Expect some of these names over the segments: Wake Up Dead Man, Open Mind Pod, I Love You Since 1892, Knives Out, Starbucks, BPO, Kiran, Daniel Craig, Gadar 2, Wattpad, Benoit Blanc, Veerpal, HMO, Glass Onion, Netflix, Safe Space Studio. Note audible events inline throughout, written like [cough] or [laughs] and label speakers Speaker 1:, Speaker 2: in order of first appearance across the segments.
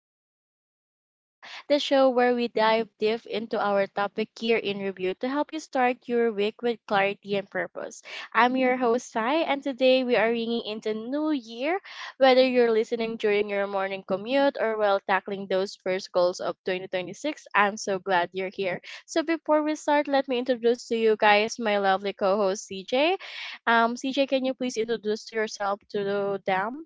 Speaker 1: to Safe Space Studio, the show where we dive deep into our topic here in review to help you start your week with clarity and purpose. I'm your host, Sai, and today we are ringing into new year, whether you're listening during your morning commute or while tackling those first goals of 2026. I'm so glad you're here. So before we start, let me introduce to you guys my lovely co-host, CJ. CJ, can you please introduce to yourself to them?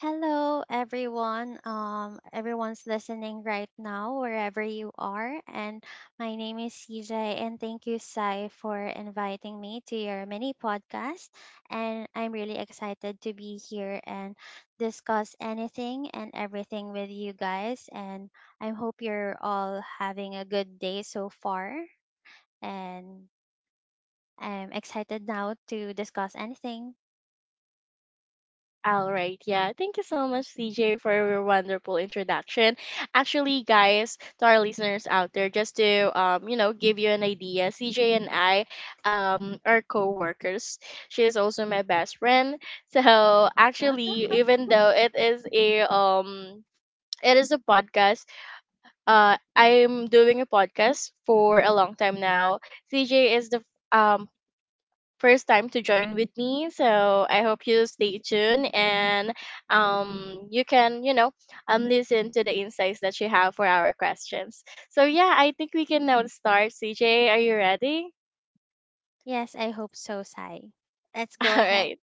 Speaker 2: Hello, everyone. Everyone's listening right now, wherever you are. And My name is CJ, and thank you, Sai, for inviting me to your mini podcast. And I'm really excited to be here and discuss anything and everything with you guys. And I hope you're all having a good day so far. And I'm excited now to discuss anything.
Speaker 1: All right, yeah. Thank you so much, CJ, for your wonderful introduction. Actually, guys, to our listeners out there, just to give you an idea, CJ and I are co-workers. She is also my best friend. [laughs] So
Speaker 2: Uh,
Speaker 1: actually, even though it is a podcast, I'm doing a podcast for a long time now. CJ is the um first time to join with me. So I hope you stay tuned and you can listen to the insights that you have for our questions. So yeah, I think we can now start. CJ, are you ready?
Speaker 2: Yes, I hope so, Sai. Let's go
Speaker 1: [laughs] All
Speaker 2: ahead.
Speaker 1: right.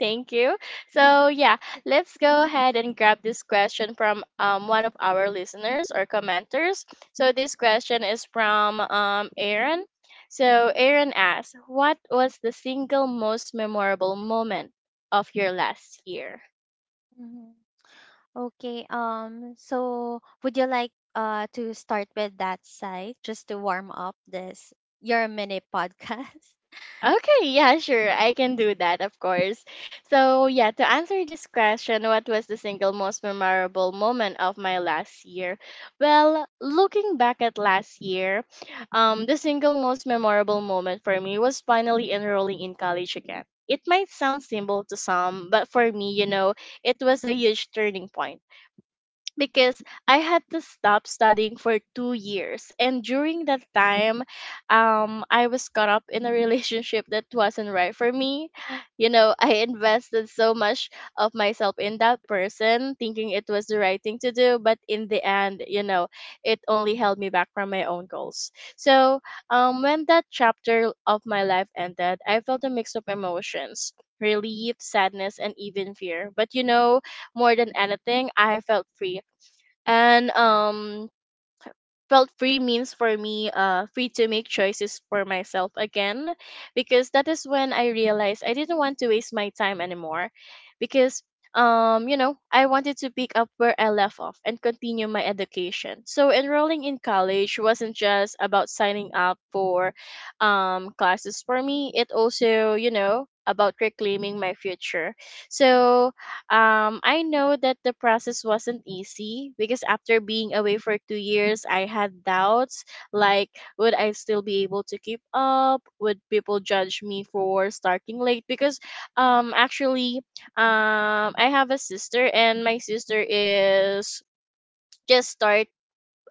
Speaker 1: Thank you. So yeah, let's go ahead and grab this question from one of our listeners or commenters. So this question is from Aaron. So Aaron asks, "What was the single most memorable moment of your last year?"
Speaker 2: Mhm. Okay, so would you like to start with that side just to warm up this your mini podcast?
Speaker 1: Okay, yeah, sure. I can do that, of course.
Speaker 2: [laughs]
Speaker 1: So, yeah, to answer this question, what was the single most memorable moment of my last year? Well, looking back at last year, the single most memorable moment for me was finally enrolling in college again. It might sound simple to some, but for me, you know, it was a huge turning point because I had to stop studying for two years. And during that time, I was caught up in a relationship that wasn't right for me. You know, [laughs] I invested so much of myself in that person, thinking it was the right thing to do. But in the end, you know, it only held me back from my own goals. So when that chapter of my life ended, I felt a mix of emotions. Relief, sadness, and even fear. But you know, more than anything, I felt free and felt free means for me free to make choices for myself again, because that is when I realized I didn't want to waste my time anymore, because you know I wanted to pick up where I left off and continue my education. So enrolling in college wasn't just about signing up for classes for me. It also, you know, about reclaiming my future. So I know that the process wasn't easy because after being away for two years, I had doubts, like, would I still be able to keep up? Would people judge me for starting late? Because actually, I have a sister, and my sister is just start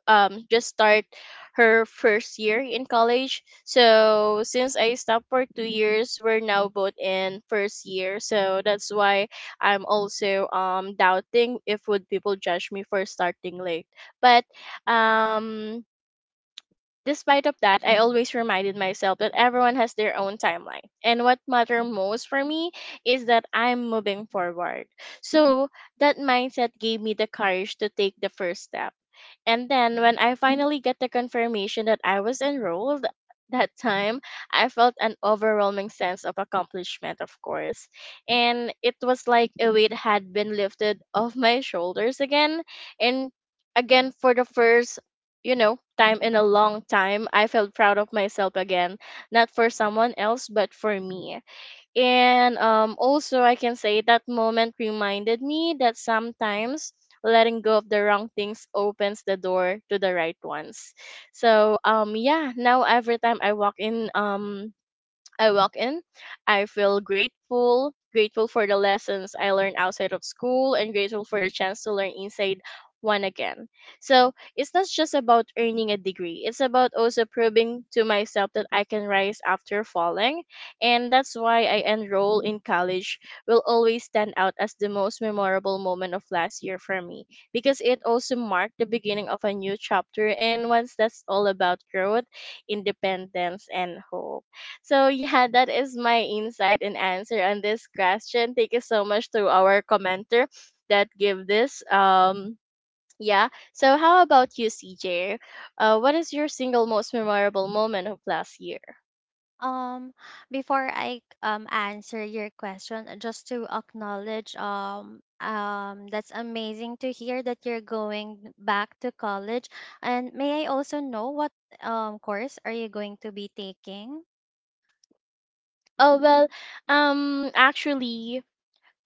Speaker 1: just start her first year in college. So since I stopped for two years, we're now both in first year. So that's why I'm also doubting if would people judge me for starting late. But um despite of that, I always reminded myself that everyone has their own timeline. And what matter most for me is that I'm moving forward. So that mindset gave me the courage to take the first step. And then when I finally get the confirmation that I was enrolled that time, I felt an overwhelming sense of accomplishment, of course. And it was like a weight had been lifted off my shoulders again. And again, for the first, you know, time in a long time, I felt proud of myself again. Not for someone else, but for me. And also, I can say that moment reminded me that sometimes letting go of the wrong things opens the door to the right ones. So yeah, now every time I walk in, I feel grateful, grateful for the lessons I learned outside of school and grateful for the chance to learn inside one again. So, it's not just about earning a degree. It's about also proving to myself that I can rise after falling, and that's why I enroll in college will always stand out as the most memorable moment of last year for me, because it also marked the beginning of a new chapter and one that's all about growth, independence and hope. So yeah, that is my insight and answer on this question. Thank you so much to our commenter that give this. Yeah. So how about you, CJ? What is your single most memorable moment of last year?
Speaker 2: Um, Before I answer your question, just to acknowledge that's amazing to hear that you're going back to college. And may I also know what course are you going to be taking?
Speaker 1: Oh well, actually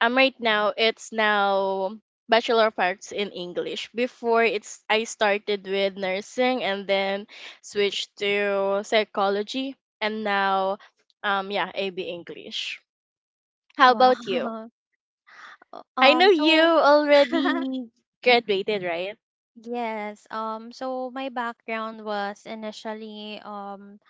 Speaker 1: right now it's now Bachelor of Arts in English. Before it's I started with nursing and then switched to psychology and now yeah, AB English. How
Speaker 2: Wow.
Speaker 1: about you?
Speaker 2: [laughs] Uh,
Speaker 1: I know
Speaker 2: Um,
Speaker 1: you
Speaker 2: so [laughs]
Speaker 1: already graduated, right?
Speaker 2: yes, so my background was initially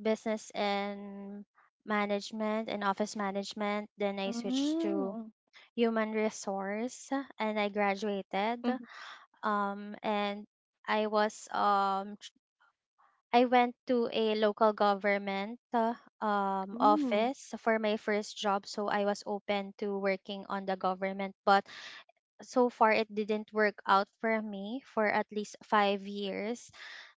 Speaker 2: business and management and office management. Then I switched to
Speaker 1: Mm.
Speaker 2: human resource and I graduated.
Speaker 1: Mm-hmm.
Speaker 2: And I was I went to a local government
Speaker 1: Mm.
Speaker 2: office for my first job, so I was open to working on the government, but so far it didn't work out for me for at least 5 years.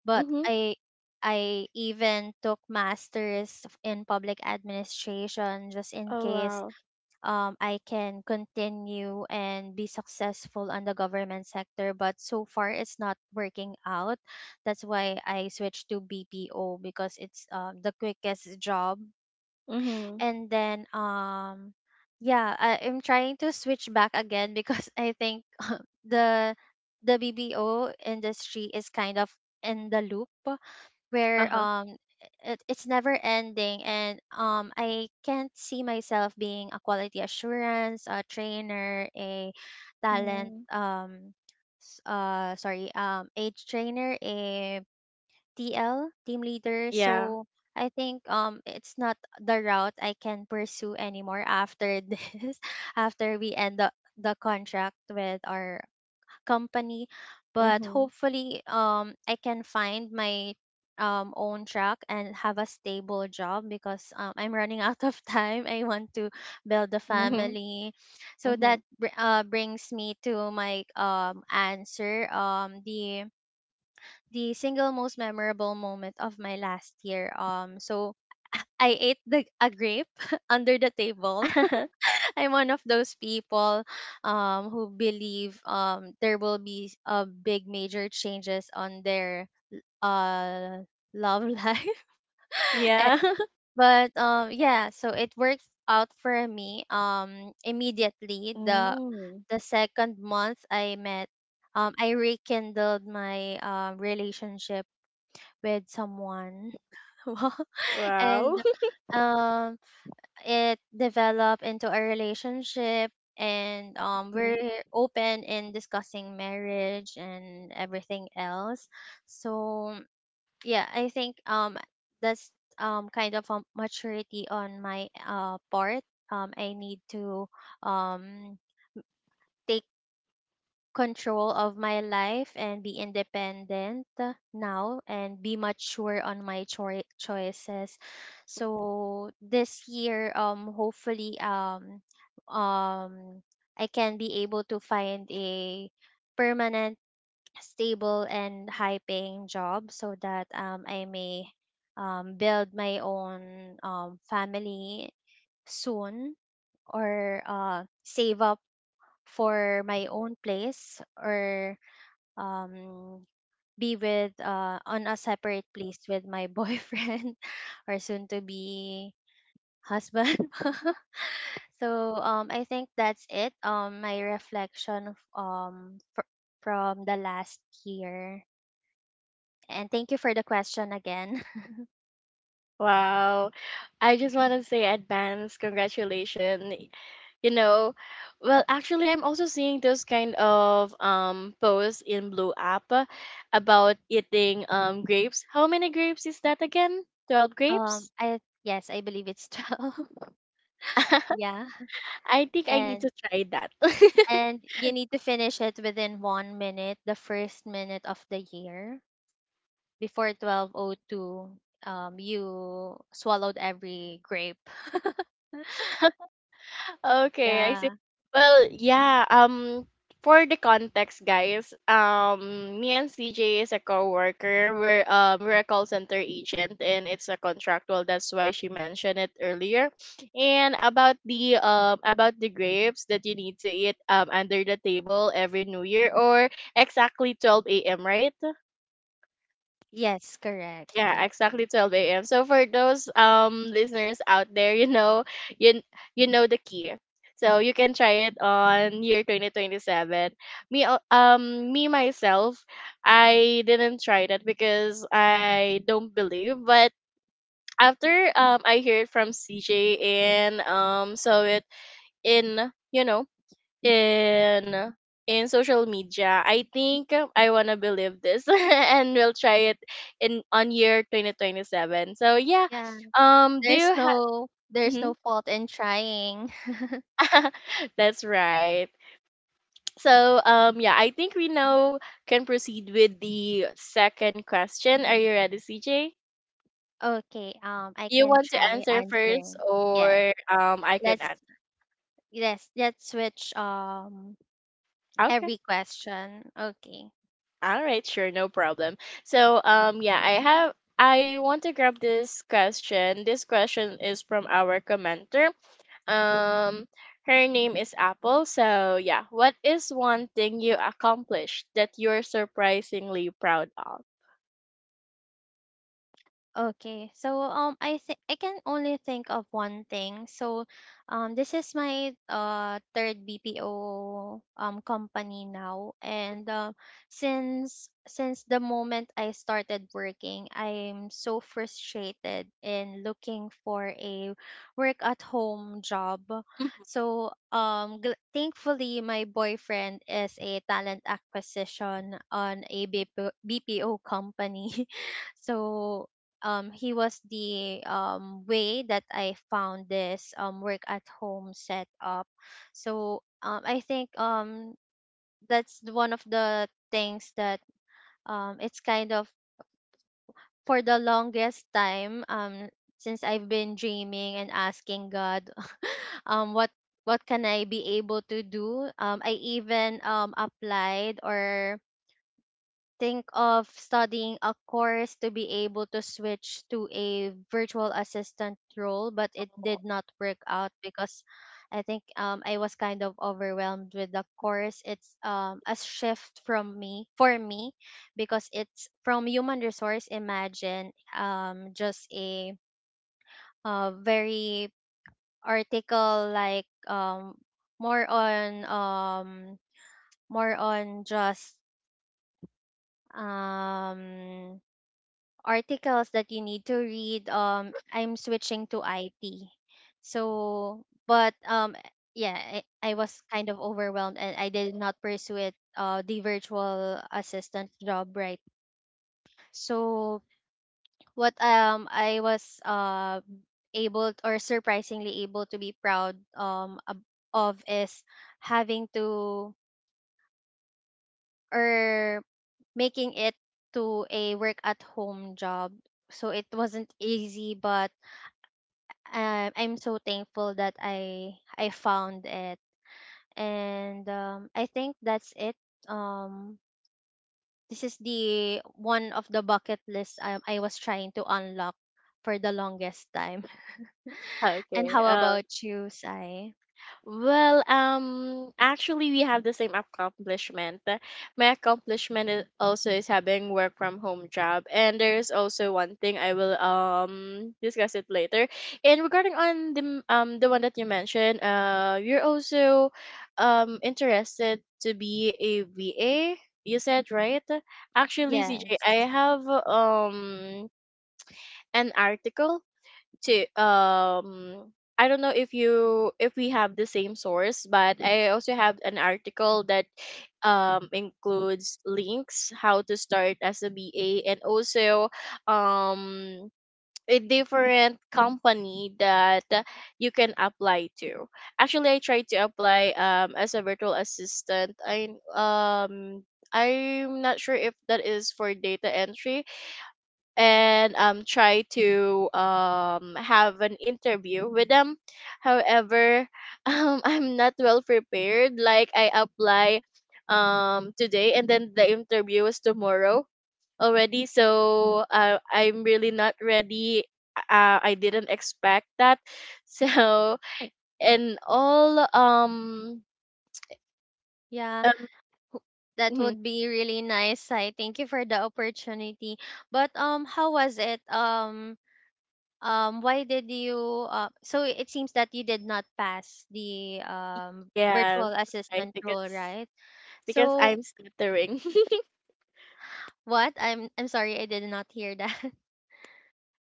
Speaker 2: But
Speaker 1: Mm-hmm.
Speaker 2: I even took masters in public administration just in
Speaker 1: Oh
Speaker 2: case
Speaker 1: wow.
Speaker 2: I can continue and be successful on the government sector, but so far it's not working out. That's why I switched to BPO because it's the quickest job.
Speaker 1: Mm-hmm.
Speaker 2: And then, um, yeah, I'm trying to switch back again [laughs] because I think [laughs] the the BPO industry is kind of in the loop where
Speaker 1: Uh-huh.
Speaker 2: it's never ending, and I can't see myself being a quality assurance, a trainer, a talent
Speaker 1: Mm.
Speaker 2: sorry, age trainer, a TL, team leader.
Speaker 1: Yeah.
Speaker 2: So I think it's not the route I can pursue anymore after [laughs] this after we end the contract with our company, but
Speaker 1: Mm-hmm.
Speaker 2: hopefully I can find my own track and have a stable job because I'm running [laughs] out of time. I want to build a
Speaker 1: Mm-hmm.
Speaker 2: family. So
Speaker 1: Mm-hmm.
Speaker 2: brings me to my answer, the single most memorable moment of my last year. I ate the a grape [laughs] under the table.
Speaker 1: [laughs]
Speaker 2: I'm one of those people, who believe, there will be, big major changes on their, uh, love [laughs] life. Eh,
Speaker 1: Yeah.
Speaker 2: but yeah, so it worked out for me,
Speaker 1: [laughs]
Speaker 2: immediately. The
Speaker 1: Mm.
Speaker 2: the second month I met, I rekindled my relationship with someone, [laughs] and
Speaker 1: Wow.
Speaker 2: um it developed into a relationship, and we're
Speaker 1: [laughs]
Speaker 2: open in discussing marriage and everything else. So yeah, I think that's kind of a maturity on my part. I need to um take control of my life and be independent now and be mature on my choices. So this year, hopefully, um, I can be able to find a permanent, stable, and high-paying job so that I may build my own family soon, or save up for my own place, or um be with, on a separate place with my boyfriend [laughs] or soon to be husband. [laughs] So I think that's it. My reflection of, from the last year. And thank you for the question again.
Speaker 1: Wow. I just want to say advance congratulations. You know, well, actually, I'm also seeing those kind of posts in Blue App, about eating grapes. How many grapes is that again? 12
Speaker 2: [laughs]
Speaker 1: grapes?
Speaker 2: I Yes, I believe it's 12. [laughs] Yeah.
Speaker 1: [laughs] I think I need
Speaker 2: and
Speaker 1: to try that. [laughs]
Speaker 2: and you need to finish it within 1 minute, the first minute of the year, before 1202 you swallowed every grape. [laughs]
Speaker 1: Okay, I see.
Speaker 2: Yeah.
Speaker 1: Well, yeah, for the context, guys, me and CJ is a coworker. We're a call center agent and it's a contractual. That's why she mentioned it earlier. And about the grapes that you need to eat under the table every New Year or exactly 12 a.m., right?
Speaker 2: Yes, correct.
Speaker 1: Yeah, exactly 12 a.m. So for those listeners out there, you know, you you know the key. So you can try it on year 2027. Me myself, I didn't try that because I don't believe, but after I hear from CJ and saw it in you know in in social media. I think I wanna believe this [laughs] and we'll try it in on year 2027. So yeah,
Speaker 2: Yeah,
Speaker 1: do
Speaker 2: there's
Speaker 1: you have
Speaker 2: no fault in trying.
Speaker 1: [laughs] That's right. So yeah, I think we now can proceed with the second question. Are you ready, CJ?
Speaker 2: [laughs] Okay, I
Speaker 1: You
Speaker 2: can
Speaker 1: want to
Speaker 2: try
Speaker 1: answer first
Speaker 2: answering. yes
Speaker 1: or I can
Speaker 2: let's
Speaker 1: answer.
Speaker 2: yes let's switch
Speaker 1: Okay.
Speaker 2: every question. Okay.
Speaker 1: All right, sure, no problem. So, yeah, I have. I want to grab this question. This question is from our commenter. Um, her name is Apple. So, yeah, what is one thing you accomplished that you're surprisingly proud of?
Speaker 2: Okay, so I think I can only think of one thing. So, this is my third BPO company now, and since the moment I started working, I'm so frustrated in looking for a work at home job.
Speaker 1: [laughs] Mhm.
Speaker 2: So, thankfully, my boyfriend is a talent acquisition on a BPO company. [laughs] So he was the, way that I found this, work at home set up. So I think, that's one of the things that, it's kind of, for the longest time, since I've been dreaming and asking God [laughs] um, what what can I be able to do. I even, applied or think of studying a course to be able to switch to a virtual assistant role, but it
Speaker 1: Oh.
Speaker 2: did not work out because I think, I was kind of overwhelmed with the course. It's, a shift from me for me because it's from human resource. Imagine, just a very article like, more on um, more on just um articles that you need to read. I'm switching to it. So but Yeah, I was kind of overwhelmed and I did not pursue it, the virtual assistant job, right? So what I was, able t- or surprisingly able to be proud of is having to, or making it to a work at home job. So it wasn't easy, but I'm so thankful that I found it, and I think that's it. Um, this is the one of the bucket list, I was trying to unlock for the longest time. [laughs] And
Speaker 1: Okay.
Speaker 2: how about you, Sai?
Speaker 1: Well, actually, we have the same accomplishment. My accomplishment is also is having work from home job, and there's also one thing I will discuss it later. And regarding on the the one that you mentioned, you're also interested to be a VA. You said right? Actually, CJ, I
Speaker 2: Yes.
Speaker 1: have an article to I don't know if you if we have the same source, but I also have an article that includes links how to start as a BA and also um a different company that you can apply to. Actually, I tried to apply as a virtual assistant. I'm not sure if that is for data entry and try to have an interview with them, however, [laughs] I'm not well prepared, like I apply today and then the interview is tomorrow already. So I'm really not ready. I didn't expect that. [laughs] So and all
Speaker 2: Yeah,
Speaker 1: um
Speaker 2: that
Speaker 1: mhm,
Speaker 2: would be really nice, Sai. Thank you for the opportunity. But how was it? Why did you, so it seems that you did not pass the
Speaker 1: yeah
Speaker 2: virtual
Speaker 1: that's right,
Speaker 2: assistant role, right?
Speaker 1: because
Speaker 2: So
Speaker 1: I'm stuttering. [laughs]
Speaker 2: what I'm sorry, I did not hear that. [laughs]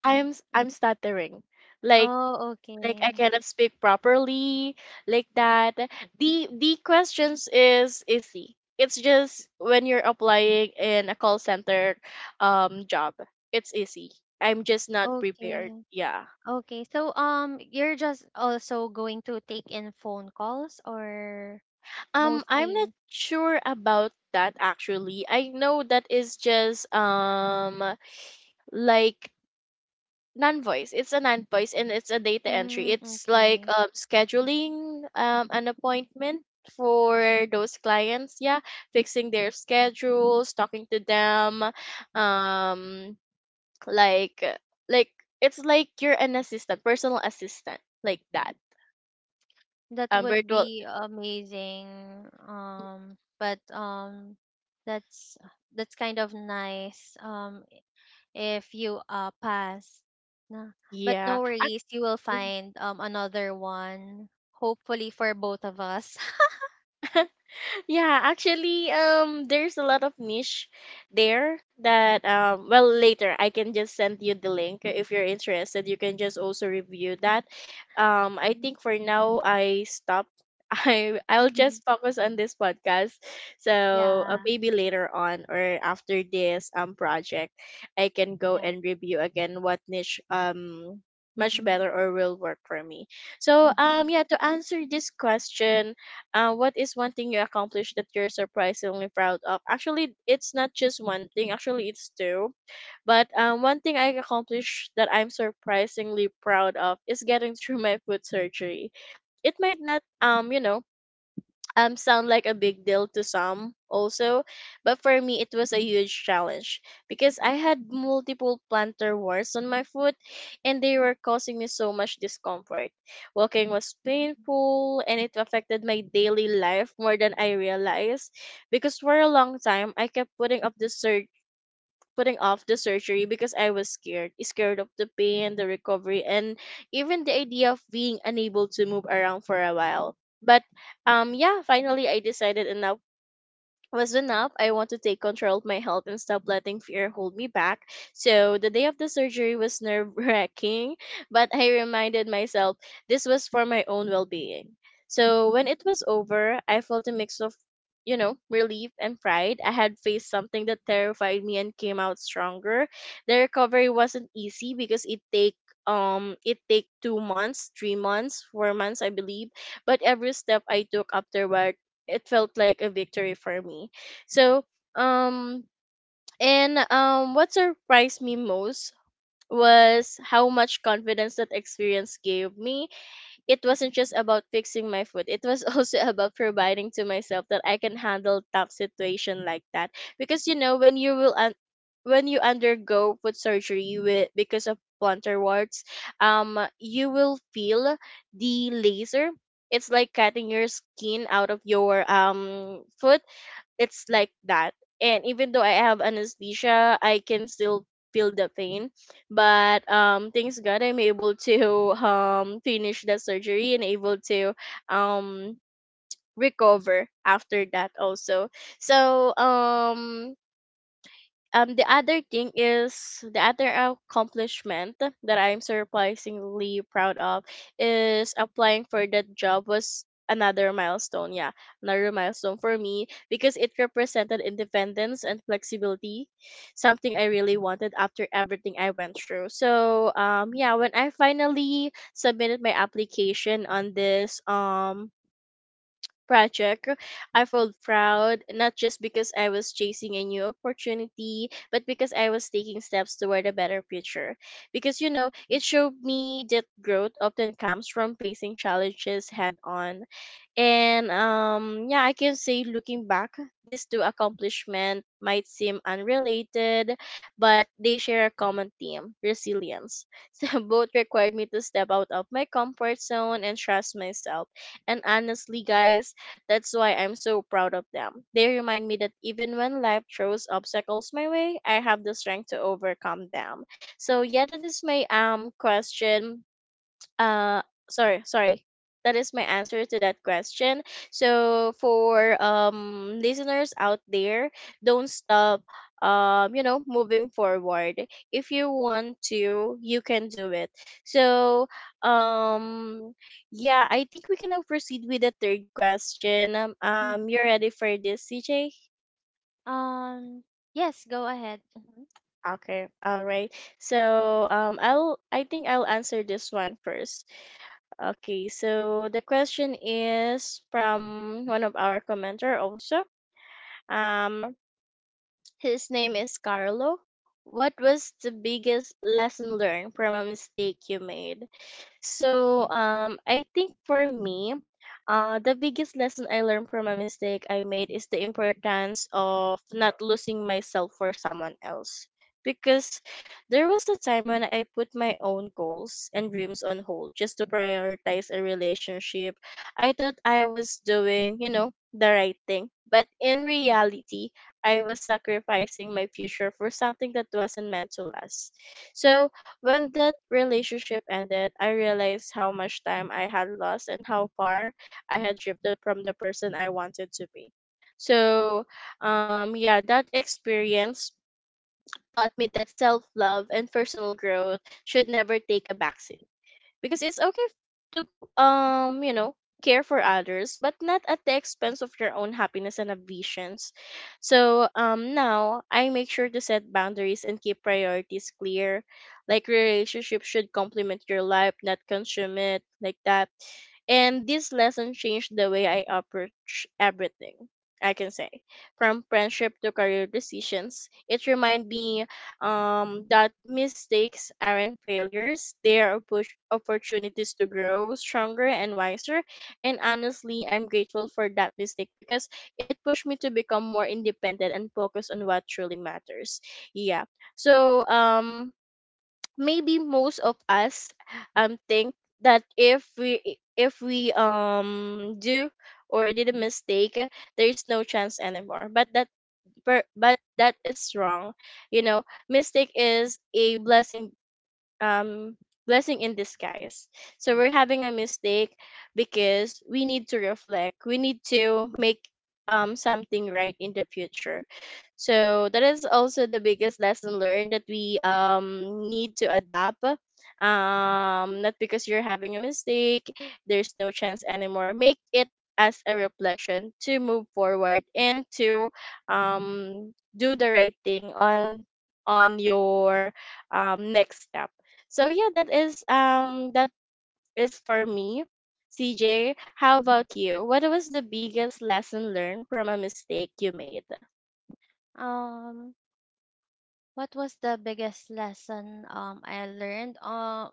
Speaker 1: I'm stuttering, like,
Speaker 2: Oh, okay.
Speaker 1: I cannot speak properly like that. The questions is easy. It's just when you're applying in a call center job, it's easy. I'm just not prepared.
Speaker 2: Okay.
Speaker 1: Yeah.
Speaker 2: Okay, so you're just also going to take in phone calls, or
Speaker 1: I'm not
Speaker 2: mostly?
Speaker 1: sure about that actually. I know that is just like non voice. It's a non voice and it's a data entry.
Speaker 2: Mm,
Speaker 1: It's like
Speaker 2: okay.
Speaker 1: scheduling an appointment for those clients, yeah, fixing their schedules, talking to them, um like uh, like it's like you're an assistant, personal assistant like that,
Speaker 2: That would
Speaker 1: virtual.
Speaker 2: be amazing. But That's kind of nice if you pass. No. But
Speaker 1: Yeah.
Speaker 2: no worries, you will find another one hopefully for both of us. [laughs]
Speaker 1: Yeah, actually, there's a lot of niche there that, well, later I can just send you the link if you're interested. You can just also review that. I
Speaker 2: Mm.
Speaker 1: think for now I stop. [laughs] I'll
Speaker 2: Mhm.
Speaker 1: just focus on this podcast. So
Speaker 2: Yeah.
Speaker 1: maybe later on or after this project, I can go
Speaker 2: Yeah.
Speaker 1: and review again what niche much
Speaker 2: Mm-hmm.
Speaker 1: better or will work for me. So yeah, to answer this question, what is one thing you accomplished that you're surprisingly proud of? Actually, it's not just one thing. Actually, it's two. But one thing I accomplished that I'm surprisingly proud of is getting through my foot surgery. It might not sound like a big deal to some also, but for me it was a huge challenge because I had multiple plantar wars on my foot and they were causing me so much discomfort. Walking was painful and it affected my daily life more than I realized, because for a long time I kept putting off the surgery, because I was scared. Scared of the pain, the recovery, and even the idea of being unable to move around for a while. But yeah, Finally I decided enough was enough. I want to take control of my health and stop letting fear hold me back. So the day of the surgery was nerve wracking, [laughs] but I reminded myself this was for my own well being. So when it was over, I felt a mix of, relief and pride. I had faced something that terrified me and came out stronger. The recovery wasn't easy because it take 2 months, 3 months, 4 months I believe. But every step I took afterward, it felt like a victory for me. So, um, and What surprised me most was how much confidence that experience gave me. It wasn't just about fixing my food, it was [laughs] also about providing to myself that I can handle tough situation like that. Because you know, when you undergo foot surgery with because of plantar warts, you will feel the laser. It's like cutting your skin out of your foot. It's like that. And even though I have anesthesia, I can still feel the pain. But thanks God, I'm able to [laughs] finish the surgery and able to um recover after that also. So the other thing is, the other accomplishment that I'm surprisingly proud of is applying for that job was another milestone. Yeah, another milestone for me, because it represented independence and flexibility, something I really wanted after everything I went through. So, when I finally submitted my application on this project, I felt proud, not just because I was chasing a new opportunity, but because I was taking steps toward a better future. Because you know, it showed me that growth often comes from facing challenges head on. I can say, looking back, these two accomplishments might seem unrelated, but they share a common theme: resilience. [laughs] So both required me to step out of my comfort zone and trust myself. And honestly, guys, that's why I'm so proud of them. They remind me that even when life throws obstacles my way, I have the strength to overcome them. So yeah, that is my question, uh sorry, sorry, that is my answer to that question. So for listeners out there, don't stop, moving forward. If you want to, you can do it. so um yeah, I think we can now proceed with the third question. um,
Speaker 2: Hmm.
Speaker 1: um you're ready for this, CJ?
Speaker 2: Um yes, go ahead. Mhm.
Speaker 1: Okay, all right. So I'll, I think I'll answer this one first. Okay, so the question is from one of our commenter also. Um, his name is Carlo. What was the biggest lesson learned from a mistake you made? So I think for me, the biggest lesson I learned from a mistake I made is the importance of not losing myself for someone else. Because there was a time when I put my own goals and dreams on hold just to prioritize a relationship. I thought I was doing, you know, the right thing. But in reality, I was sacrificing my future for something that wasn't meant to last. So when that relationship ended, I realized how much time I had lost and how far I had drifted from the person I wanted to be. So, yeah, that experience taught me that self love and personal growth should never take a backseat, because it's okay to, um you know care for others but not at the expense of your own happiness and ambitions. So now I make sure to set boundaries and keep priorities clear. Like, your relationship should complement your life, not consume it, like that. And this lesson changed the way I approach everything, I can say. From friendship to career decisions, it reminded me that mistakes aren't failures. They are opportunities to grow stronger and wiser. And honestly, I'm grateful for that mistake because it pushed me to become more independent and focus on what truly matters. Yeah. So, maybe most of us think that if we do or did a mistake, there's no chance anymore. But that is wrong. You know, mistake is a blessing, um blessing in disguise. So we're having a mistake because we need to reflect. We need to make something right in the future. So that is also the biggest lesson learned, that we need to adapt. Not because you're having a mistake, there's no chance anymore. Make it as a reflection to move forward and to um do the right thing on your next step. So yeah, that is for me. CJ, how about you? What was the biggest lesson learned from a mistake you made?
Speaker 2: Um what was the biggest lesson I learned? Uh,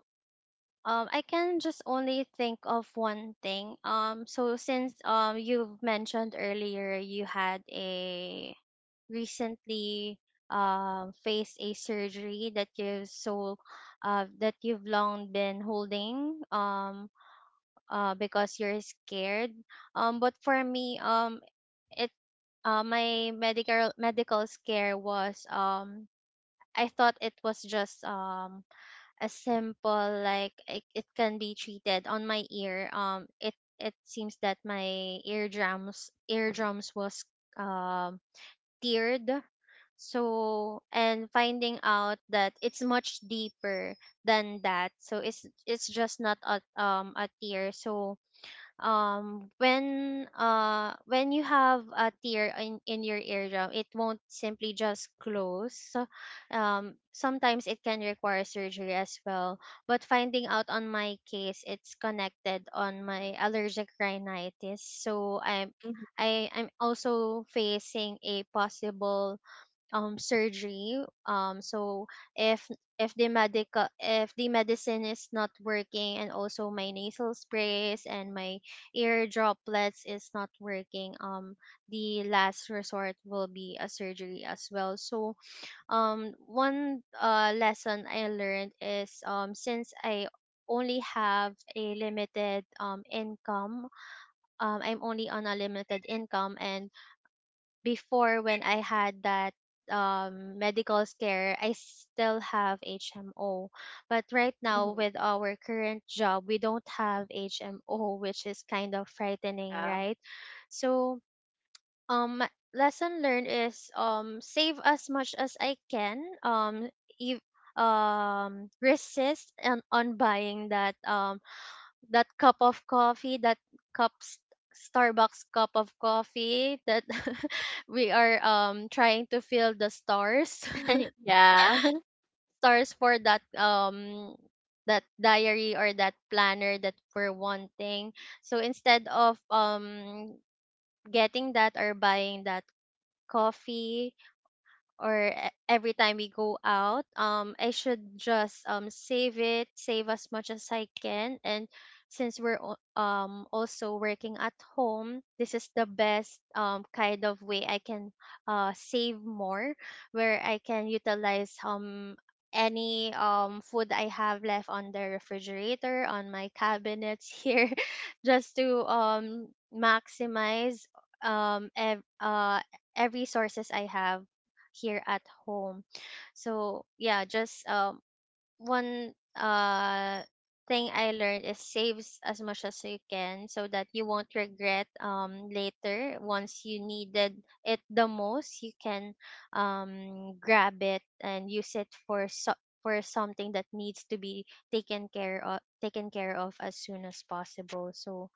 Speaker 2: um I can just only think of one thing. So since you've mentioned earlier you had a recently, faced a surgery that you've so, that you've long been holding, because you're scared. But for me, it my medical scare was, I thought it was just, a simple like it can be treated on my ear. It it seems that my eardrums was um tiered. So, and finding out that it's much deeper than that. So it's just not a a tier. So when you have a tear in your eardrum, it won't simply just close. So, sometimes it can require surgery as well. But finding out on my case, it's connected on my allergic rhinitis, so
Speaker 1: Mhm,
Speaker 2: I am also facing a possible surgery. If if the medical if the medicine is not working, and also my nasal sprays and my ear droplets is not working, the last resort will be a surgery as well. So one, lesson I learned is, since I only have a limited income. I'm only on a limited income, and before, when I had that medical scare, I still have HMO, but right now
Speaker 1: mhm,
Speaker 2: with our current job, we don't have HMO, which is kind of frightening,
Speaker 1: yeah.
Speaker 2: right? So um lesson learned is, save as much as I can. If Resist and on buying that that cup of coffee, that cup s- Starbucks cup of coffee that [laughs] we are trying to fill the stars
Speaker 1: [laughs] Yeah.
Speaker 2: [laughs] stars for that that diary or that planner that we're wanting. So instead of getting that or buying that coffee, or every time we go out, I should just save as much as I can. And since we're also working at home, this is the best kind of way I can, save more, where I can utilize any food I have left on the refrigerator, on my cabinets here, [laughs] just to maximize um ev- uh every sources I have here at home. So yeah, just one thing I learned is, saves as much as you can, so that you won't regret later. Once you needed it the most, you can grab it and use it for for something that needs to be taken care of as soon as possible. So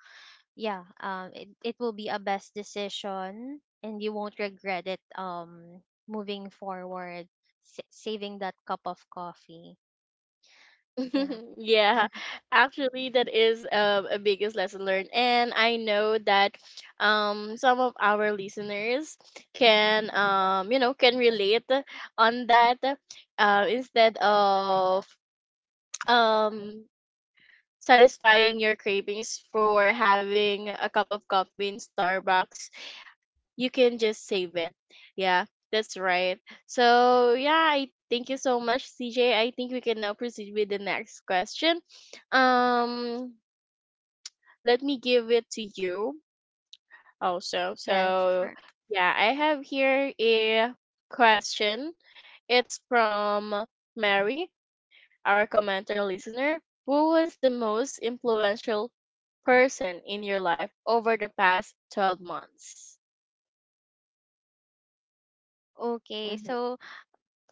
Speaker 2: yeah, it will be a best decision and you won't regret it moving forward, saving that cup of coffee. Yeah.
Speaker 1: [laughs] Yeah. Actually, that is a biggest lesson learned. And I know that some of our listeners can, can relate on that. Instead of [tsk] um satisfying your cravings for having a cup of coffee in Starbucks, you can just save it. Yeah, that's right. So yeah, I thank you so much, CJ. I think we can now proceed with the next question. Um, Let me give it to you also.
Speaker 2: Yeah,
Speaker 1: So,
Speaker 2: sure.
Speaker 1: yeah, I have here a question. It's from Mary, our commenter listener. Who was the most influential person in your life over the past 12 months?
Speaker 2: Okay,
Speaker 1: Mm-hmm.
Speaker 2: so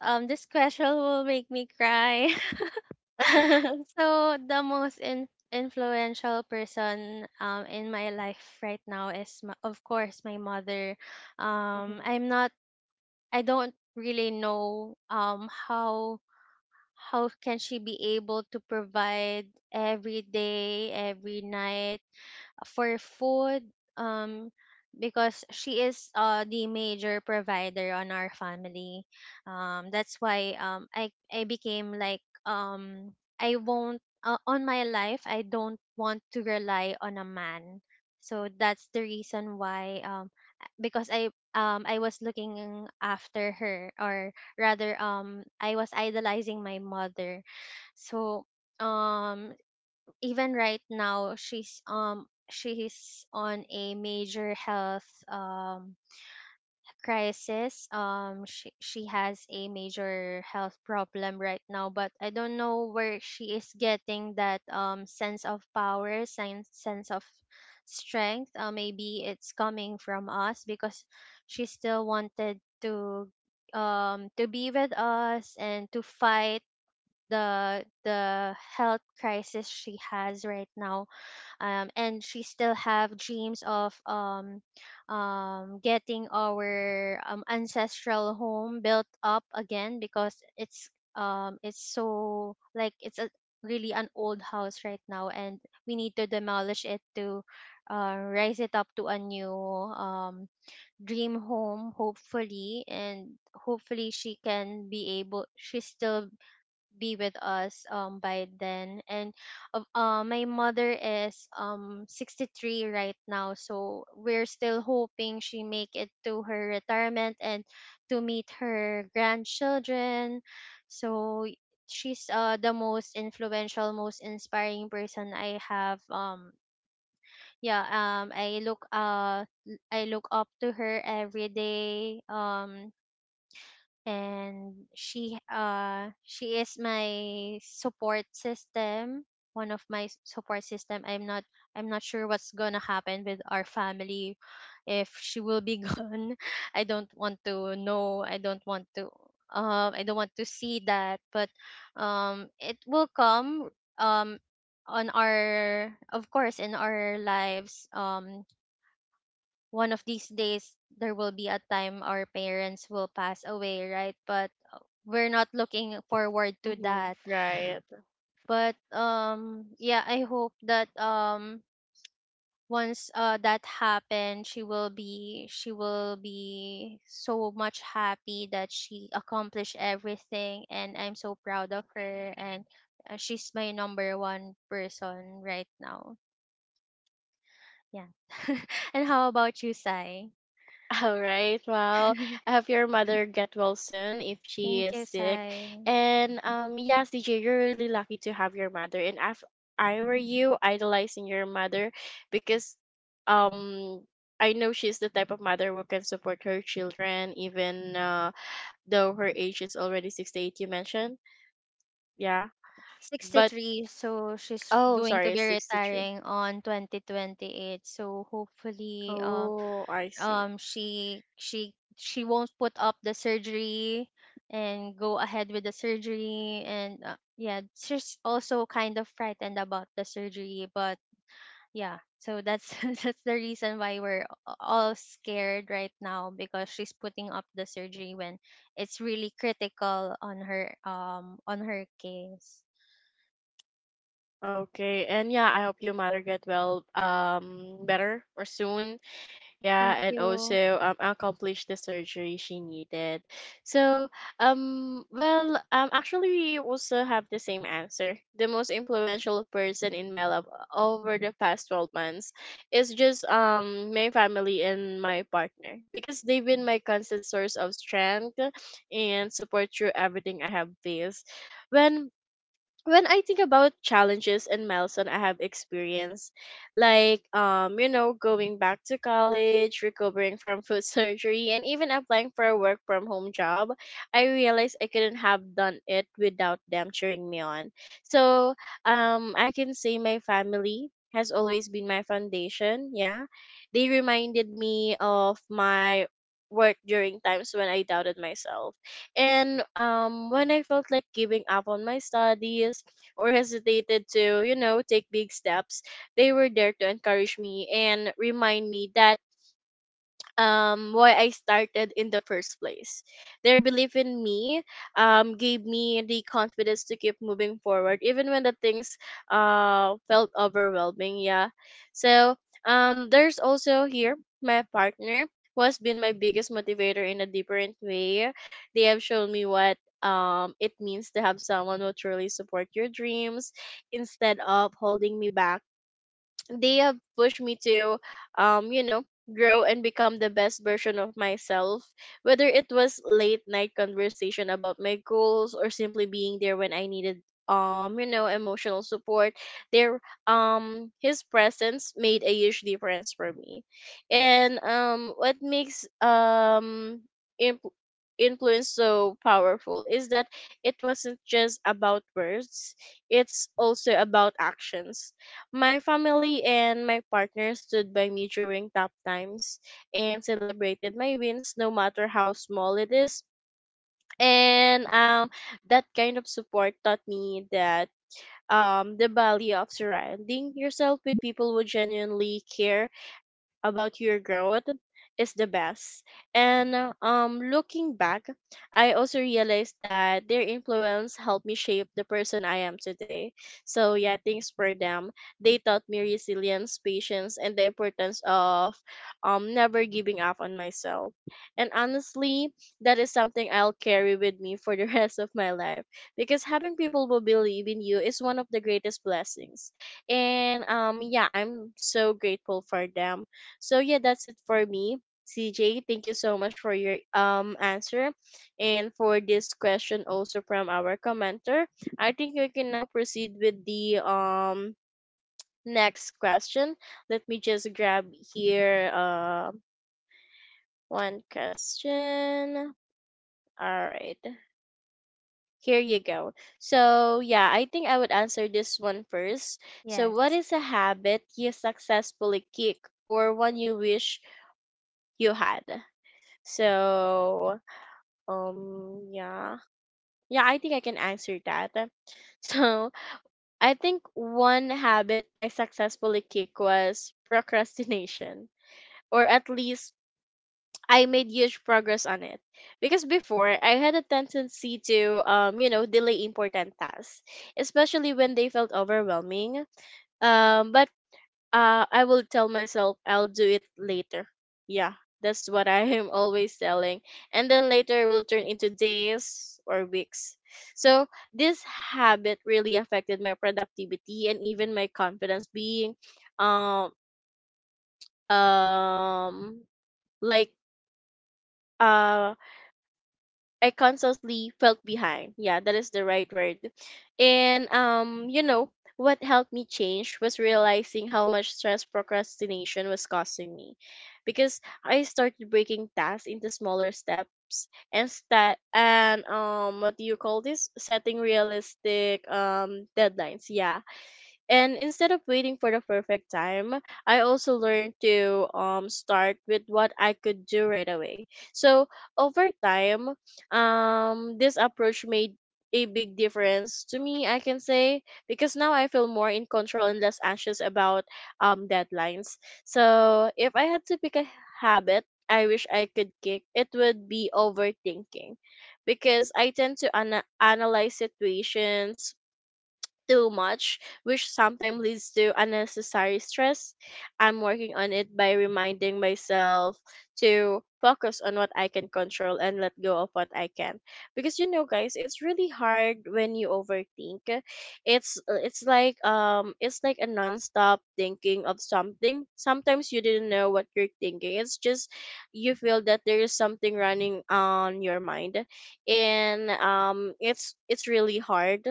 Speaker 2: this question will make me cry. [laughs]
Speaker 1: [laughs]
Speaker 2: So the most influential person in my life right now is , of course, my mother. I'm not, I don't really know how can she be able to provide every day, every night for food, um because she is the major provider on our family. That's why, um, I became like, I won't, on my life I don't want to rely on a man. So that's the reason why, because I was looking after her, or rather, I was idolizing my mother. So, um, even right now she's on a major health crisis. She she has a major health problem right now, but I don't know where she is getting that sense of power, sense of strength. Maybe it's coming from us because she still wanted to, to be with us and to fight the health crisis she has right now. And she still have dreams of, getting our, ancestral home built up again, because it's so like it's a really an old house right now, and we need to demolish it to, raise it up to a new, dream home, hopefully. And hopefully she can be able, she's still be with us by then. And my mother is 63 right now, so we're still hoping she make it to her retirement and to meet her grandchildren. so y- she's the most influential, most inspiring person I have. Um, yeah, I look I look up to her every day. And she is my support system, one of my support system. I'm not sure what's gonna happen with our family if she will be [laughs] gone. I don't want to know, I don't want to, I don't want to see that. But it will come, um on our, of course, in our lives. One of these days there will be a time our parents will pass away, right? But we're not looking forward to
Speaker 1: Hmm.
Speaker 2: that.
Speaker 1: Right.
Speaker 2: But yeah, I hope that, once that happened, she will be so much happy that she accomplished everything, and I'm so proud of her. And She's my number one person right now. Yeah. [laughs] And how about you, Sai?
Speaker 1: All right. [laughs]
Speaker 2: [laughs]
Speaker 1: Well,
Speaker 2: Thank
Speaker 1: I hope your mother get well soon if she is
Speaker 2: you,
Speaker 1: sick.
Speaker 2: Sai.
Speaker 1: And yeah, CJ, you're really lucky to have your mother. And if I were you, idolizing your mother, because um, I know she's the type of mother who can support her children, even though her age is already 68, you mentioned. Yeah, but
Speaker 2: 63, so she's
Speaker 1: oh,
Speaker 2: going to
Speaker 1: sorry,
Speaker 2: be
Speaker 1: it's 63.
Speaker 2: retiring on 2028, so hopefully,
Speaker 1: Oh, I see.
Speaker 2: she won't put up the surgery and go ahead with the surgery. And Yeah, she's also kind of frightened about the surgery, but yeah. So that's [laughs] that's the reason why we're all scared right now, because she's putting up the surgery when it's really critical on her, on her case.
Speaker 1: Okay. And yeah, I hope your mother get well, better or soon. Yeah,
Speaker 2: Thank
Speaker 1: and
Speaker 2: you.
Speaker 1: also accomplished the surgery she needed. So actually we also have the same answer. The most influential person in my life over the past 12 months is just my family and my partner, because they've been my constant source of strength and support through everything I have faced. When when I think about challenges and milestone I have experienced, like, you know, going back to college, recovering from [laughs] foot surgery, and even applying for a work from home job, I realized I couldn't have done it without them cheering me on. So I can say my family has always been my foundation, yeah. They reminded me of my work during times when I doubted myself, and when I felt like giving up on my studies or hesitated to, you know, take big steps, they were there to encourage me and remind me that why I started in the first place. Their belief in me gave me the confidence to keep moving forward, even when the things felt overwhelming, yeah. So there's also here my partner, who has been my biggest motivator in a different way. They have shown me what it means to have someone who truly support your dreams. Instead of holding me back, they have pushed me to, um you know grow and become the best version of myself. Whether it was late night conversation about my goals or simply being there when I needed, emotional support, their his presence made a huge difference for me. And um, what makes imp- influence so powerful is that it wasn't just about words, it's also about actions. My family and my partner stood by me during tough times and celebrated my wins, no matter how small it is. And that kind of support taught me that the value of surrounding yourself with people who genuinely care about your growth is the best. And looking back, I also realized that their influence helped me shape the person I am today. So yeah, thanks for them. They taught me resilience, patience, and the importance of never giving up on myself. And honestly, that is something I'll carry with me for the [laughs] rest of my life because having people who believe in you is one of the greatest blessings. And yeah, I'm so grateful for them so yeah, that's it for me. CJ, thank you so much for your answer and for this question also from our commenter. I think we can now proceed with the next question. Let me just grab here one question. All right. Here you go. So, yeah, I think I would answer this one first. So, what
Speaker 2: Yes.
Speaker 1: is a habit you successfully kick or one you wish you had? So, yeah. Yeah, I think I can answer that. [laughs] So, I think one habit I successfully kicked was procrastination, or at least I made huge progress on it. Because before, I had a tendency to, you know, delay important tasks, especially when they felt overwhelming. But I will tell myself I'll do it later. Yeah, that's what [laughs] I am always telling. And then later will turn into days or weeks. So this habit really affected my productivity and even my confidence being um um like uh, I constantly felt behind. Yeah, that is the right word. And you know, what helped me change was realizing how much stress procrastination was causing me. Because I started breaking tasks into smaller steps and what do you call this? Setting realistic deadlines. Yeah, and instead of waiting for the perfect time, I also learned to start with what I could do right away. So over time, this approach made a big difference to me, I can say, because now I feel more in control and less anxious about deadlines. So if I had to pick a habit I wish I could kick, it would be overthinking because I tend to analyze situations too much, which sometimes leads to unnecessary stress. I'm working on it by reminding myself to focus on what I can control and let go of what I can. Because you know guys, it's really hard when you overthink. It's like it's like a non-stop thinking of something. Sometimes you didn't know what you're thinking. It's just you feel that there is something running on your mind and it's really hard,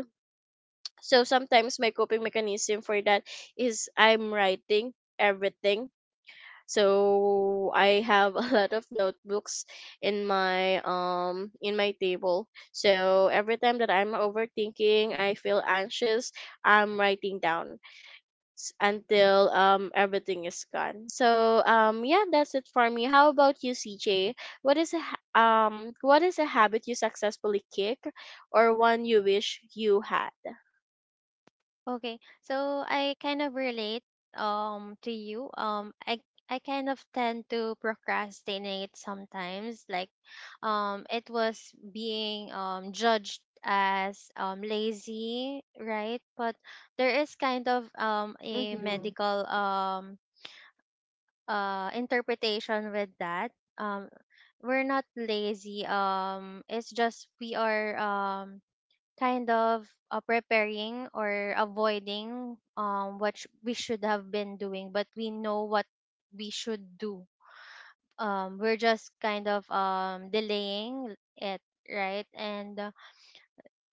Speaker 1: so sometimes my coping mechanism for that is I'm writing everything. So I have [laughs] a lot of notebooks in my in my table. So every time that I'm overthinking, I feel anxious, I'm writing down until everything is gone. So yeah, that's it for me. How about you, CJ? What is what is a habit you successfully kick or one you wish you had?
Speaker 2: Okay. So I kind of relate to you. I kind of tend to procrastinate sometimes. Like, it was being judged as lazy, right? But there is kind of a
Speaker 1: Mhm.
Speaker 2: medical, interpretation with that. Um we're not lazy. It's just we are, kind of, preparing or avoiding what we should have been doing, but we know what we should do. We're just kind of delaying it, right? and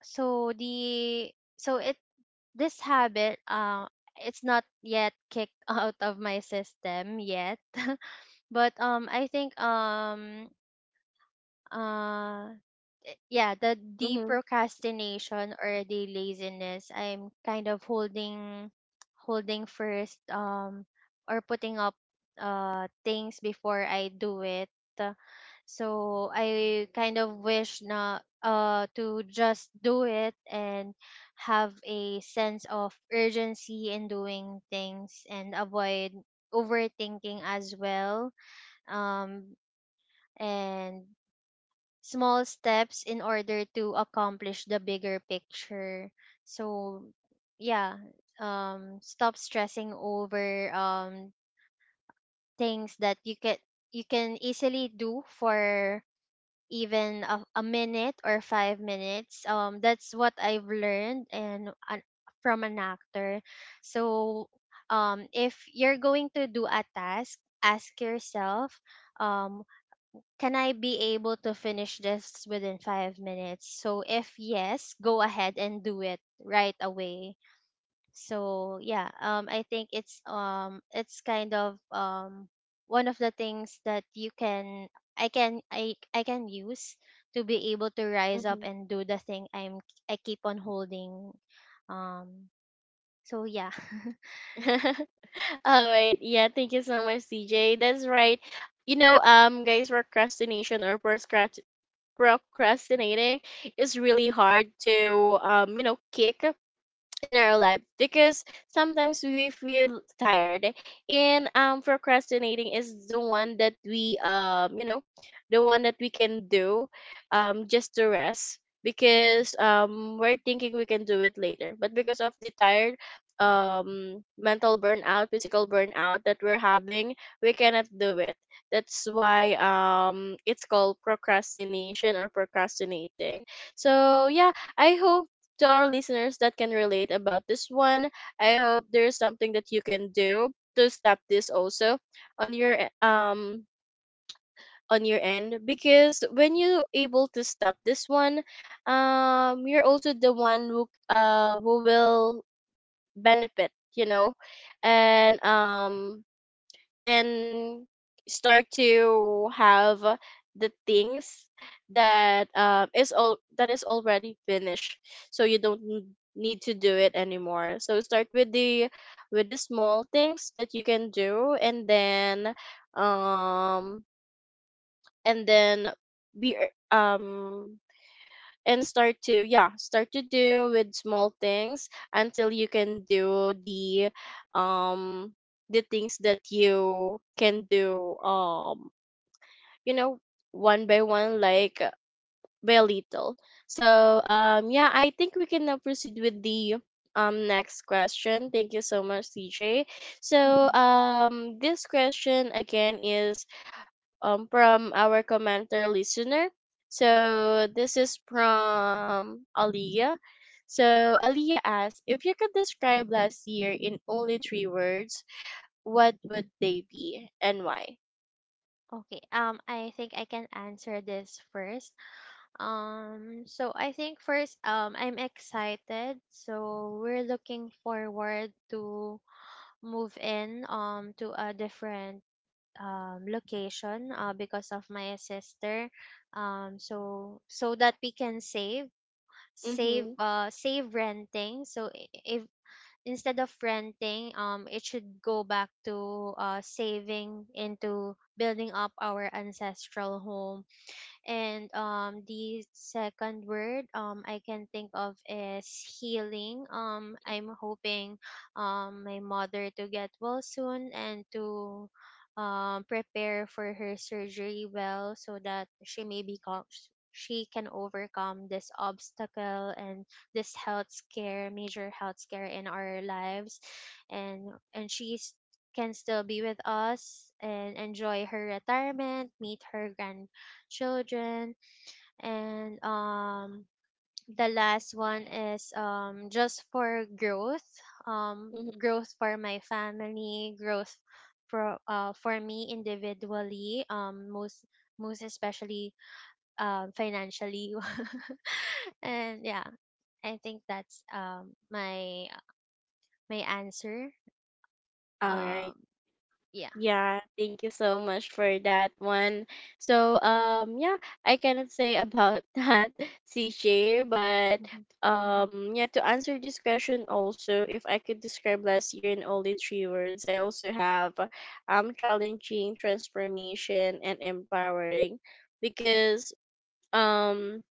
Speaker 2: So the, so it, this habit, it's not yet kicked [laughs] out of my system yet. [laughs] But I think, uh yeah, the procrastination or the laziness, I'm kind of holding first, or putting up, things before I do it. Uh, so I kind of wish na to just do it and have a sense of urgency in doing things, and avoid overthinking as well, um and small steps in order to accomplish the bigger picture. So, yeah, stop stressing over, things that you can, you can easily do for even a minute or 5 minutes. That's what I've learned, and an from an actor. So, if you're going to do a task, ask yourself. Um, can I be able to finish this within 5 minutes? So if yes, go ahead and do it right away. So yeah, I think it's, it's kind of, one of the things that you can, I can use to be able to rise up
Speaker 1: Mm-hmm.
Speaker 2: and do the thing I keep on holding. Um, so yeah. [laughs]
Speaker 1: [laughs] All right. Yeah, thank you so much, CJ. That's right. You know, guys, procrastinating is really hard to you know, kick in our life because sometimes we feel tired and procrastinating is the one that we you know the one that we can do just to rest because we're thinking we can do it later but because of the tired mental burnout, physical burnout that we're having, we cannot do it. That's why it's called procrastination or procrastinating. So yeah, I hope to our listeners that can relate about this one. I hope there's something that you can do to stop this also on your on your end, because when you able to stop this one, you're also the one who will benefit, you know, and um and start to have the things that is all that is already finished, so you don't need to do it anymore. So start with the small things that you can do um and then be um and start to yeah start to do with small things until you can do um the things that you can do you know, one by one like by little. So yeah, I think we can now proceed with the next question. Thank you so much, CJ. so
Speaker 2: Mhm.
Speaker 1: um this question again is from our commenter listener. So this is from Aliyah. So Aliyah asks, if you could describe last year in only three words, what would they be and why?
Speaker 2: Okay, I think I can answer this first. So I think first, I'm excited. So we're looking forward to move in, to a different, location, because of my sister. So, so that we can
Speaker 1: Mm-hmm.
Speaker 2: save renting. So if, instead of renting, it should go back to, saving into building up our ancestral home. And the second word I can think of is healing. I'm hoping, my mother to get well soon, and to prepare for her surgery well, so that she may become, she can overcome this obstacle, and this health scare, major health scare in our lives, and she's can still be with us and enjoy her retirement, meet her grand children. And the last one is just for growth, um
Speaker 1: Mm-hmm.
Speaker 2: growth for my family, growth for, for me individually, most most especially, financially. [laughs] And yeah, I think that's my my answer.
Speaker 1: All right.
Speaker 2: um yeah.
Speaker 1: Yeah, thank you so much for that one. So, yeah, I cannot say about [laughs] that, CJ, but
Speaker 2: Mhm.
Speaker 1: yeah, to answer this question also, if I could describe last year in only three words, I also have challenging, transformation, and empowering because um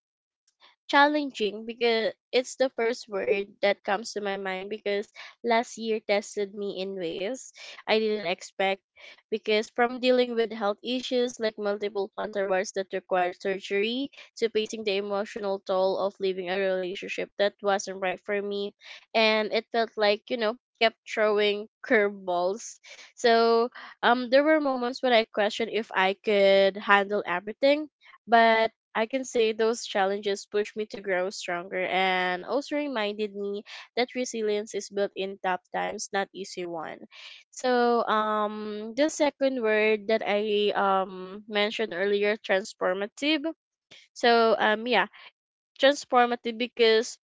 Speaker 1: challenging because it's the first word that comes to my mind because last year tested me in ways I didn't expect because from dealing with health issues like multiple plantar bars that required surgery to facing the emotional toll of leaving a relationship that wasn't right for me, and it felt like you know kept throwing curveballs. So there were moments when I questioned if I could handle everything, but I can say those challenges pushed me to grow stronger and also reminded me that resilience is built in tough times, not easy one. So the second word that I mentioned earlier, transformative. So yeah, transformative because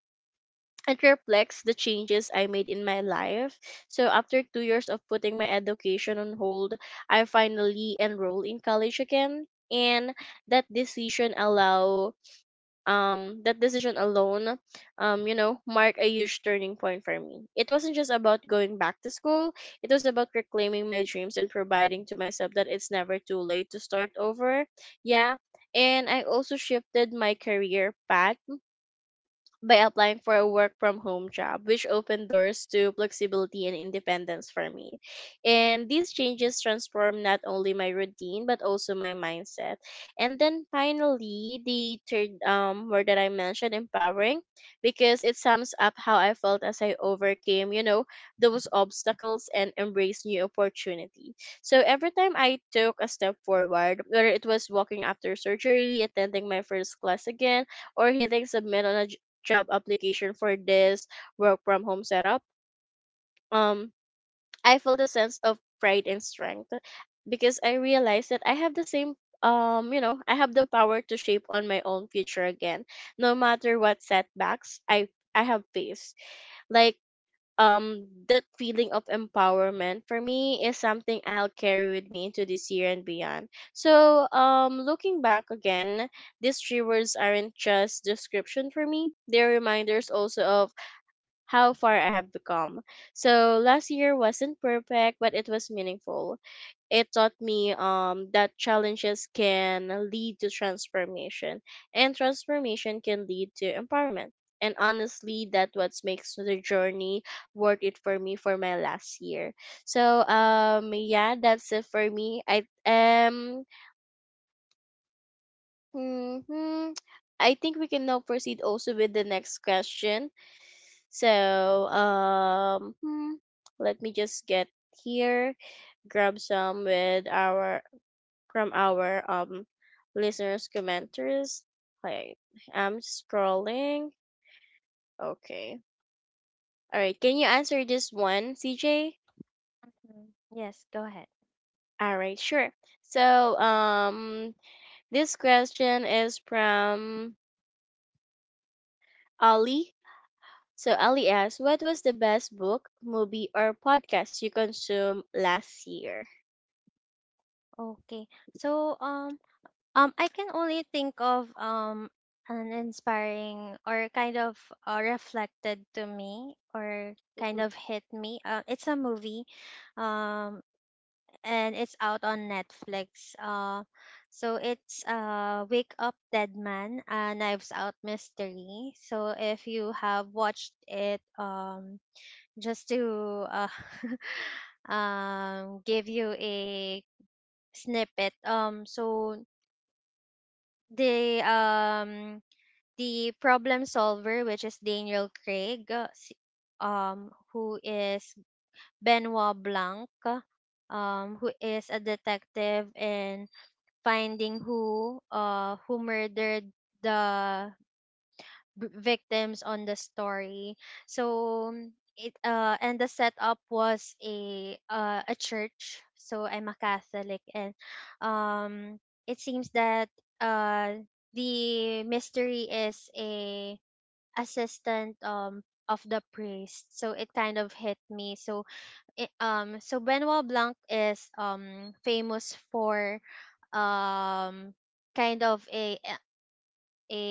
Speaker 1: it reflects the changes I made in my life. So after two years of putting my education on hold, I finally enrolled in college again. And that decision allow that decision alone you know marked a huge turning point for me. It wasn't just about going back to school, it was about reclaiming my dreams and providing to myself that it's never too late to start over. Yeah, and I also shifted my career path by applying for a work from home job, which opened doors to flexibility and independence for me. And these changes transformed not only my routine but also my mindset. And then finally, the third word that I mentioned, empowering, because it sums up how I felt as I overcame, you know, those obstacles and embraced new opportunity. So every time I took a step forward, whether it was walking after surgery, attending my first class again, or hitting submit on a job application for this work from home setup, um, I felt a sense of pride and strength because I realized that I have the same you know I have the power to shape on my own future again, no matter what setbacks I have faced, like that feeling of empowerment for me is something I'll carry with me into this year and beyond. So looking back again, these three words aren't just description for me. They're reminders also of how far I have become. So last year wasn't perfect, but it was meaningful. It taught me that challenges can lead to transformation, and transformation can lead to empowerment. And honestly, that what makes the journey worth it for me for my last year. So yeah, that's it for me. Hmm I think we can now proceed also with the next question. So, um, hmm, let me just get here, grab some with our from our listeners commenters. Like I'm scrolling. Okay. All right. Can you answer this one, CJ?
Speaker 2: Mhm. Yes, go ahead.
Speaker 1: All right. Sure. So, um, this question is from Ali. So Ali asked, what was the best book, movie, or podcast you consumed last year?
Speaker 2: Okay, so um, I can only think of an inspiring or kind of, reflected to me or
Speaker 1: Mhm.
Speaker 2: kind of hit me. It's a movie, um, and it's out on Netflix. So it's Wake Up Dead Man, a Knives Out mystery. So if you have watched it, just to, [laughs] give you a snippet. So the um the problem solver, which is Daniel Craig, who is Benoit Blanc, who is a detective in finding who, who murdered the, victims on the story. So, mm, it and the setup was a church. So I'm a Catholic, and um it seems that, uh the mystery is a assistant, of the priest. So it kind of hit me. So so Benoit Blanc is famous for, um kind of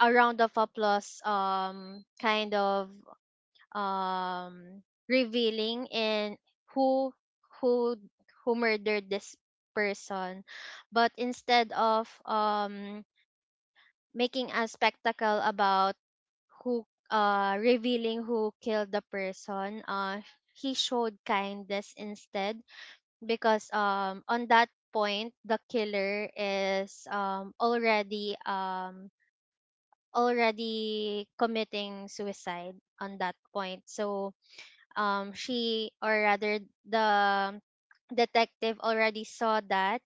Speaker 2: a round of applause, kind of, um revealing in, who who who murdered this person. But instead of, making a spectacle about who, revealing who killed the person, he showed kindness instead, because on that point the killer is already committing suicide on that point. So she, or rather, the detective already saw that,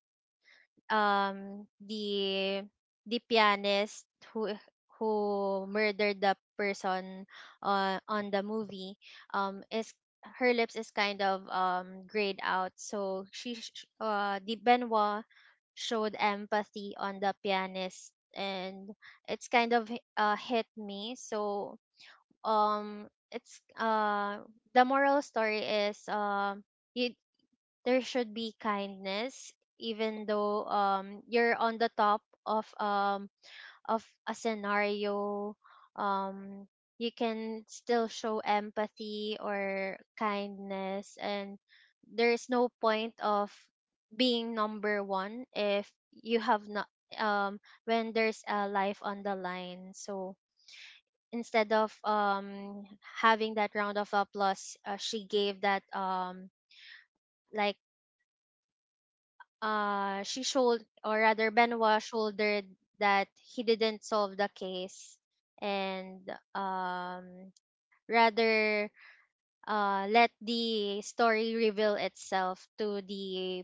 Speaker 2: um, the pianist who who murdered the person, on the movie, is, her lips is kind of grayed out, so the Benoit showed empathy on the pianist. And it's kind of, hit me. So it's the moral story is, you, there should be kindness, even though you're on the top of, of a scenario, um you can still show empathy or kindness. And there is no point of being number 1 if you have not, um when there's a life on the line. So instead of, having that round of applause, she gave that, like she should, or rather, Benoit shouldered that he didn't solve the case, and, um, rather, let the story reveal itself to the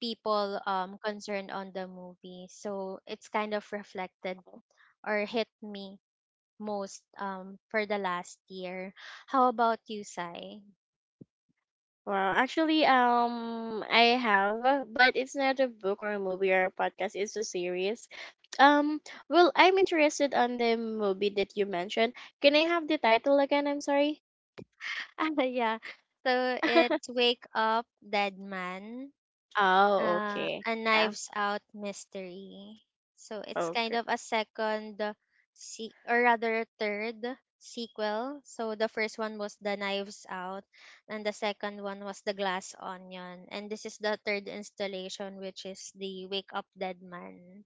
Speaker 2: people, concerned on the movie. So it's kind of reflected or hit me most, for the last year. How about you, Sai? [laughs]
Speaker 1: Well, actually, I have, but it's not a book or a movie or a podcast. It's a series. Um, well, I'm interested on the movie that you mentioned. Can I have the title again? I'm sorry.
Speaker 2: Ah, yeah. So it's
Speaker 1: [laughs]
Speaker 2: Wake Up Dead Man,
Speaker 1: Oh, okay.
Speaker 2: a
Speaker 1: Yeah.
Speaker 2: Knives Out mystery. So it's
Speaker 1: Okay.
Speaker 2: kind of a second, or rather a third sequel. So the first one was the Knives Out, and the second one was the Glass Onion, and this is the third installation, which is the Wake Up Dead Man.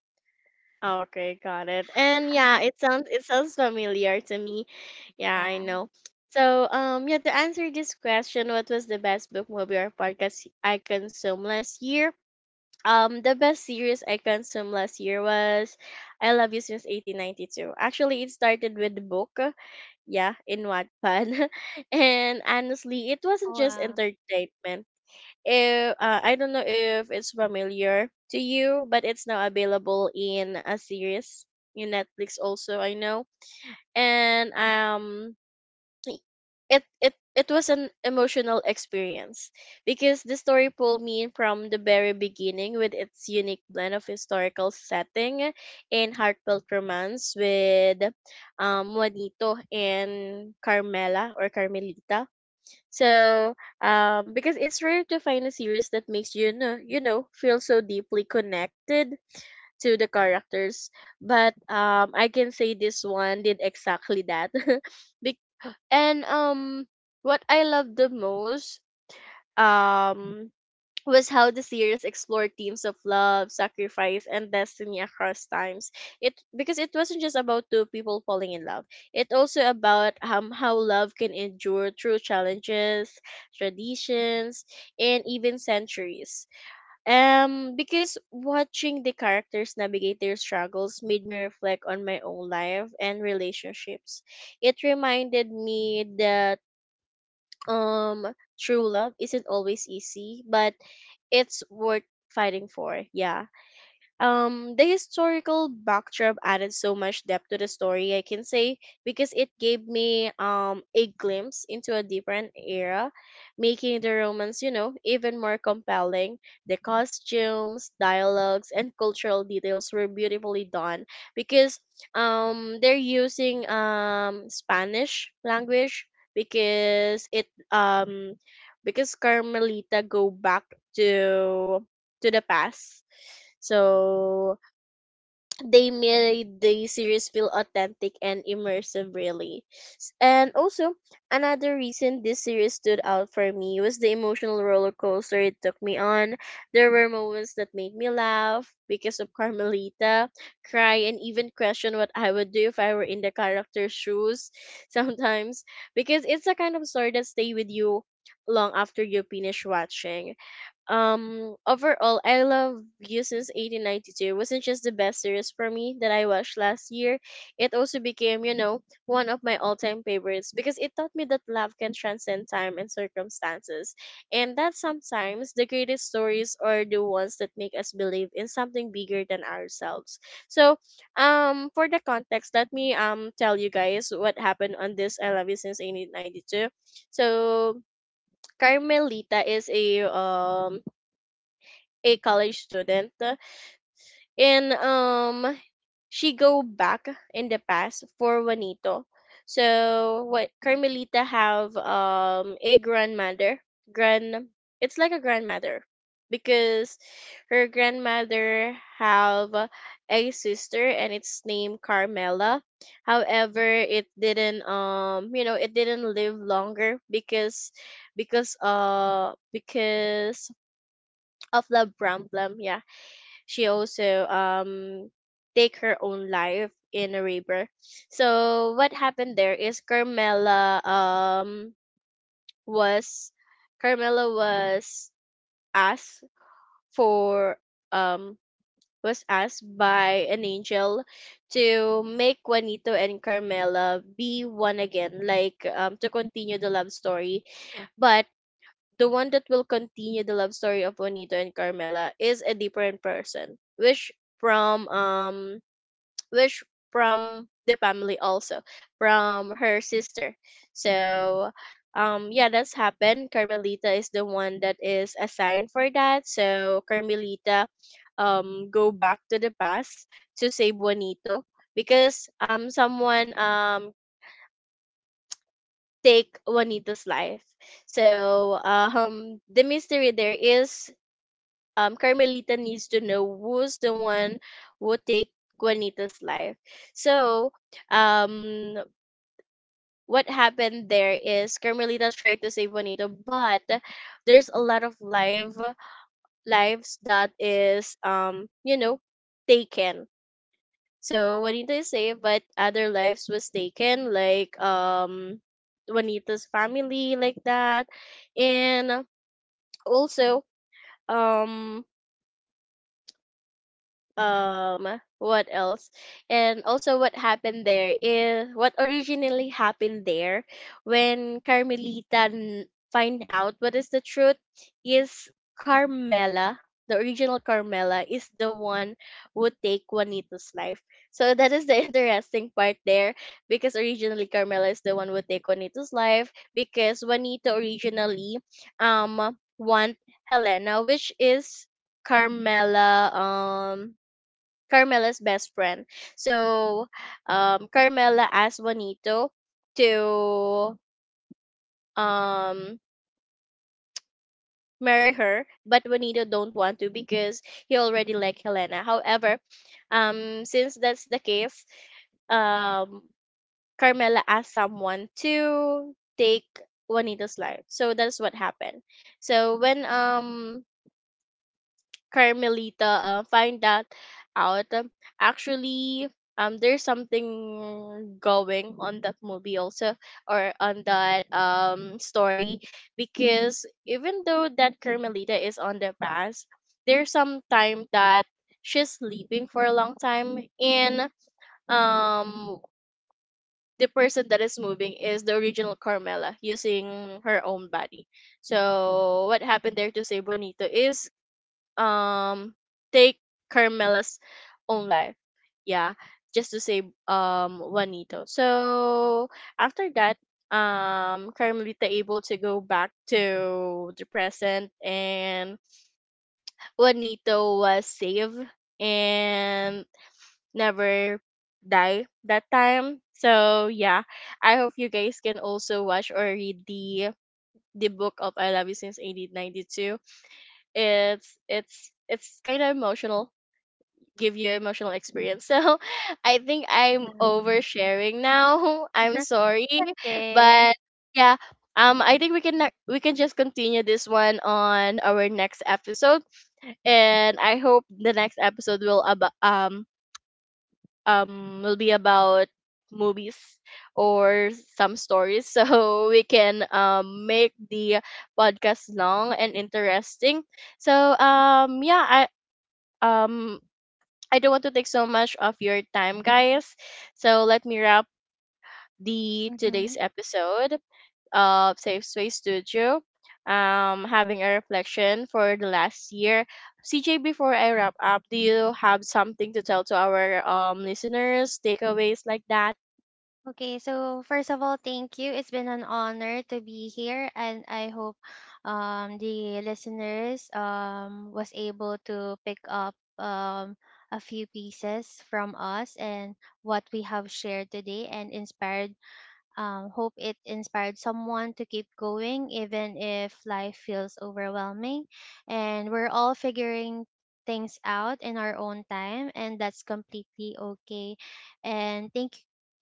Speaker 1: Okay, got it. And yeah, it
Speaker 2: [laughs]
Speaker 1: sounds it sounds familiar to me. Yeah, I
Speaker 2: Yeah.
Speaker 1: know. So, yeah, to answer this question, what was the best book, movie, or podcast I consumed last year? The best series I consumed last year was I Love You Since 1892. Actually, it started with the book, yeah, in Wattpad. [laughs] And honestly, it wasn't
Speaker 2: Oh,
Speaker 1: just
Speaker 2: wow.
Speaker 1: entertainment. If, I don't know if it's familiar to you, but it's now available in a series in Netflix also, I know. And it was an emotional experience because the story pulled me in from the very beginning with its unique blend of historical setting and heartfelt romance with Juanito and Carmela or Carmelita, so, because it's rare to find a series that makes you know, feel so deeply connected to the characters. But I can say this one did exactly that. [laughs] Bec- and what I love the most, Mhm. Was how the series explored themes of love, sacrifice, and destiny across times. It because it wasn't just about two people falling in love. It also about how love can endure through challenges, traditions, and even centuries. Because watching the characters navigate their struggles made me reflect on my own life and relationships. It reminded me that um true love isn't always easy, but it's worth fighting for. Yeah. The historical backdrop added so much depth to the story, I can say, because it gave me a glimpse into a different era, making the romance, even more compelling. The costumes, dialogues, and cultural details were beautifully done because they're using Spanish language because it because Carmelita go back to to the past. So they made the series feel authentic and immersive, really. And also, another reason this series stood out for me was the emotional roller coaster it took me on. There were moments that made me laugh because of Carmelita, cry, and even question what I would do if I were in the character's shoes [laughs] sometimes. Because it's a kind of story that stay with you long after you finish watching. Um, overall, I Love You Since 1892 wasn't just the best series for me that I watched last year. It also became, you know, one of my all-time favorites, because it taught me that love can transcend time and circumstances, and that sometimes the greatest stories are the ones that make us believe in something bigger than ourselves. So for the context, let me tell you guys what happened on this I Love You Since 1892. So Carmelita is a college student, and she go back in the past for Juanito. So what Carmelita have a grandmother, grand it's like a grandmother, because her grandmother have a sister and it's named Carmela. However, it didn't it didn't live longer because because of the problem. Yeah, she also take her own life in a river. So what happened there is Carmela was Carmela was asked for um was asked by an angel to make Juanito and Carmela be one again, like to continue the love story. But the one that will continue the love story of Juanito and Carmela is a different person, which from um which from the family also, from her sister. So yeah, that's happened. Carmelita is the one that is assigned for that. So Carmelita go back to the past to save Juanito, because someone take Juanito's life. So the mystery there is, Carmelita needs to know who's the one who take Juanita's life. So, um, what happened there is Carmelita tried to save Juanita, but there's a lot of lives that is, taken. So Juanita is saved, but other lives was taken, like Juanita's family, like that, and also um um what else, and also what happened there is what originally happened there when Carmelita find out what is the truth is Carmela, the original Carmela is the one who take Juanito's life. So that is the [laughs] interesting part there, because originally Carmela is the one who take Juanito's life, because Juanito originally want Helena, which is carmela um Carmela's best friend. So, Carmela asked Juanito to um marry her, but Juanito don't want to because he already like Helena. However, since that's the case, um, Carmela asked someone to take Juanito's life. So that's what happened. So when Carmelita find that out. Actually, there's something going on that movie also, or on that story, because even though that Carmelita is on the past, there's some time that she's sleeping for a long time, and um the person that is moving is the original Carmela using her own body. So what happened there to say Bonito is um take Carmela's own life. Yeah, just to save Juanito. So after that, Carmelita able to go back to the present and Juanito was saved and never die that time. So yeah, I hope you guys can also watch or read the book of I Love You Since 1892. It's kind of emotional, give you emotional experience. So [laughs] I think I'm
Speaker 2: Yeah.
Speaker 1: oversharing now. [laughs] I'm
Speaker 2: [laughs]
Speaker 1: sorry,
Speaker 2: Okay.
Speaker 1: but yeah, I think we can just continue this one on our next episode, and I hope the next episode will about will be about movies or some stories [laughs] so we can make the podcast long and interesting. So yeah, um I don't want to take so much of your time, guys. So let me wrap the
Speaker 2: Mm-hmm.
Speaker 1: today's episode of Safe Space Studio. Having a reflection for the last year. CJ, before I wrap up, do you have something to tell to our listeners, takeaways like that?
Speaker 2: Okay, so first of all, thank you. It's been an honor to be here, and I hope the listeners, was able to pick up, um, a few pieces from us and what we have shared today, and inspired, hope it inspired someone to keep going even if life feels overwhelming. And we're all figuring things out in our own time, and that's completely okay. And thank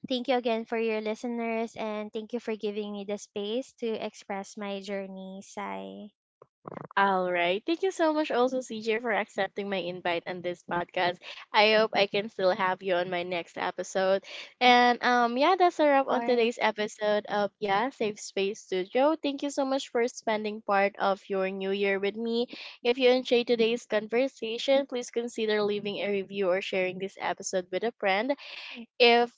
Speaker 2: Thank you again for your listeners, and thank you for giving me the space to express my journey, Sai.
Speaker 1: All right. Thank you so much, also, CJ, for accepting my invite on this podcast. I hope I can still have you on my next episode. And yeah, that's a wrap on
Speaker 2: Of.
Speaker 1: today's episode of Yeah Safe Space Studio. Thank you so much for spending part of your new year with me. If you enjoyed today's conversation, please consider leaving a review or sharing this episode with a friend. If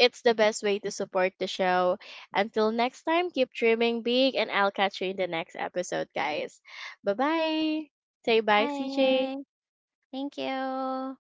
Speaker 1: it's the best way to support the show. Until next time, keep dreaming big, and I'll catch you in the next episode, guys. Bye bye. Say bye, CJ.
Speaker 2: Bye. Thank you.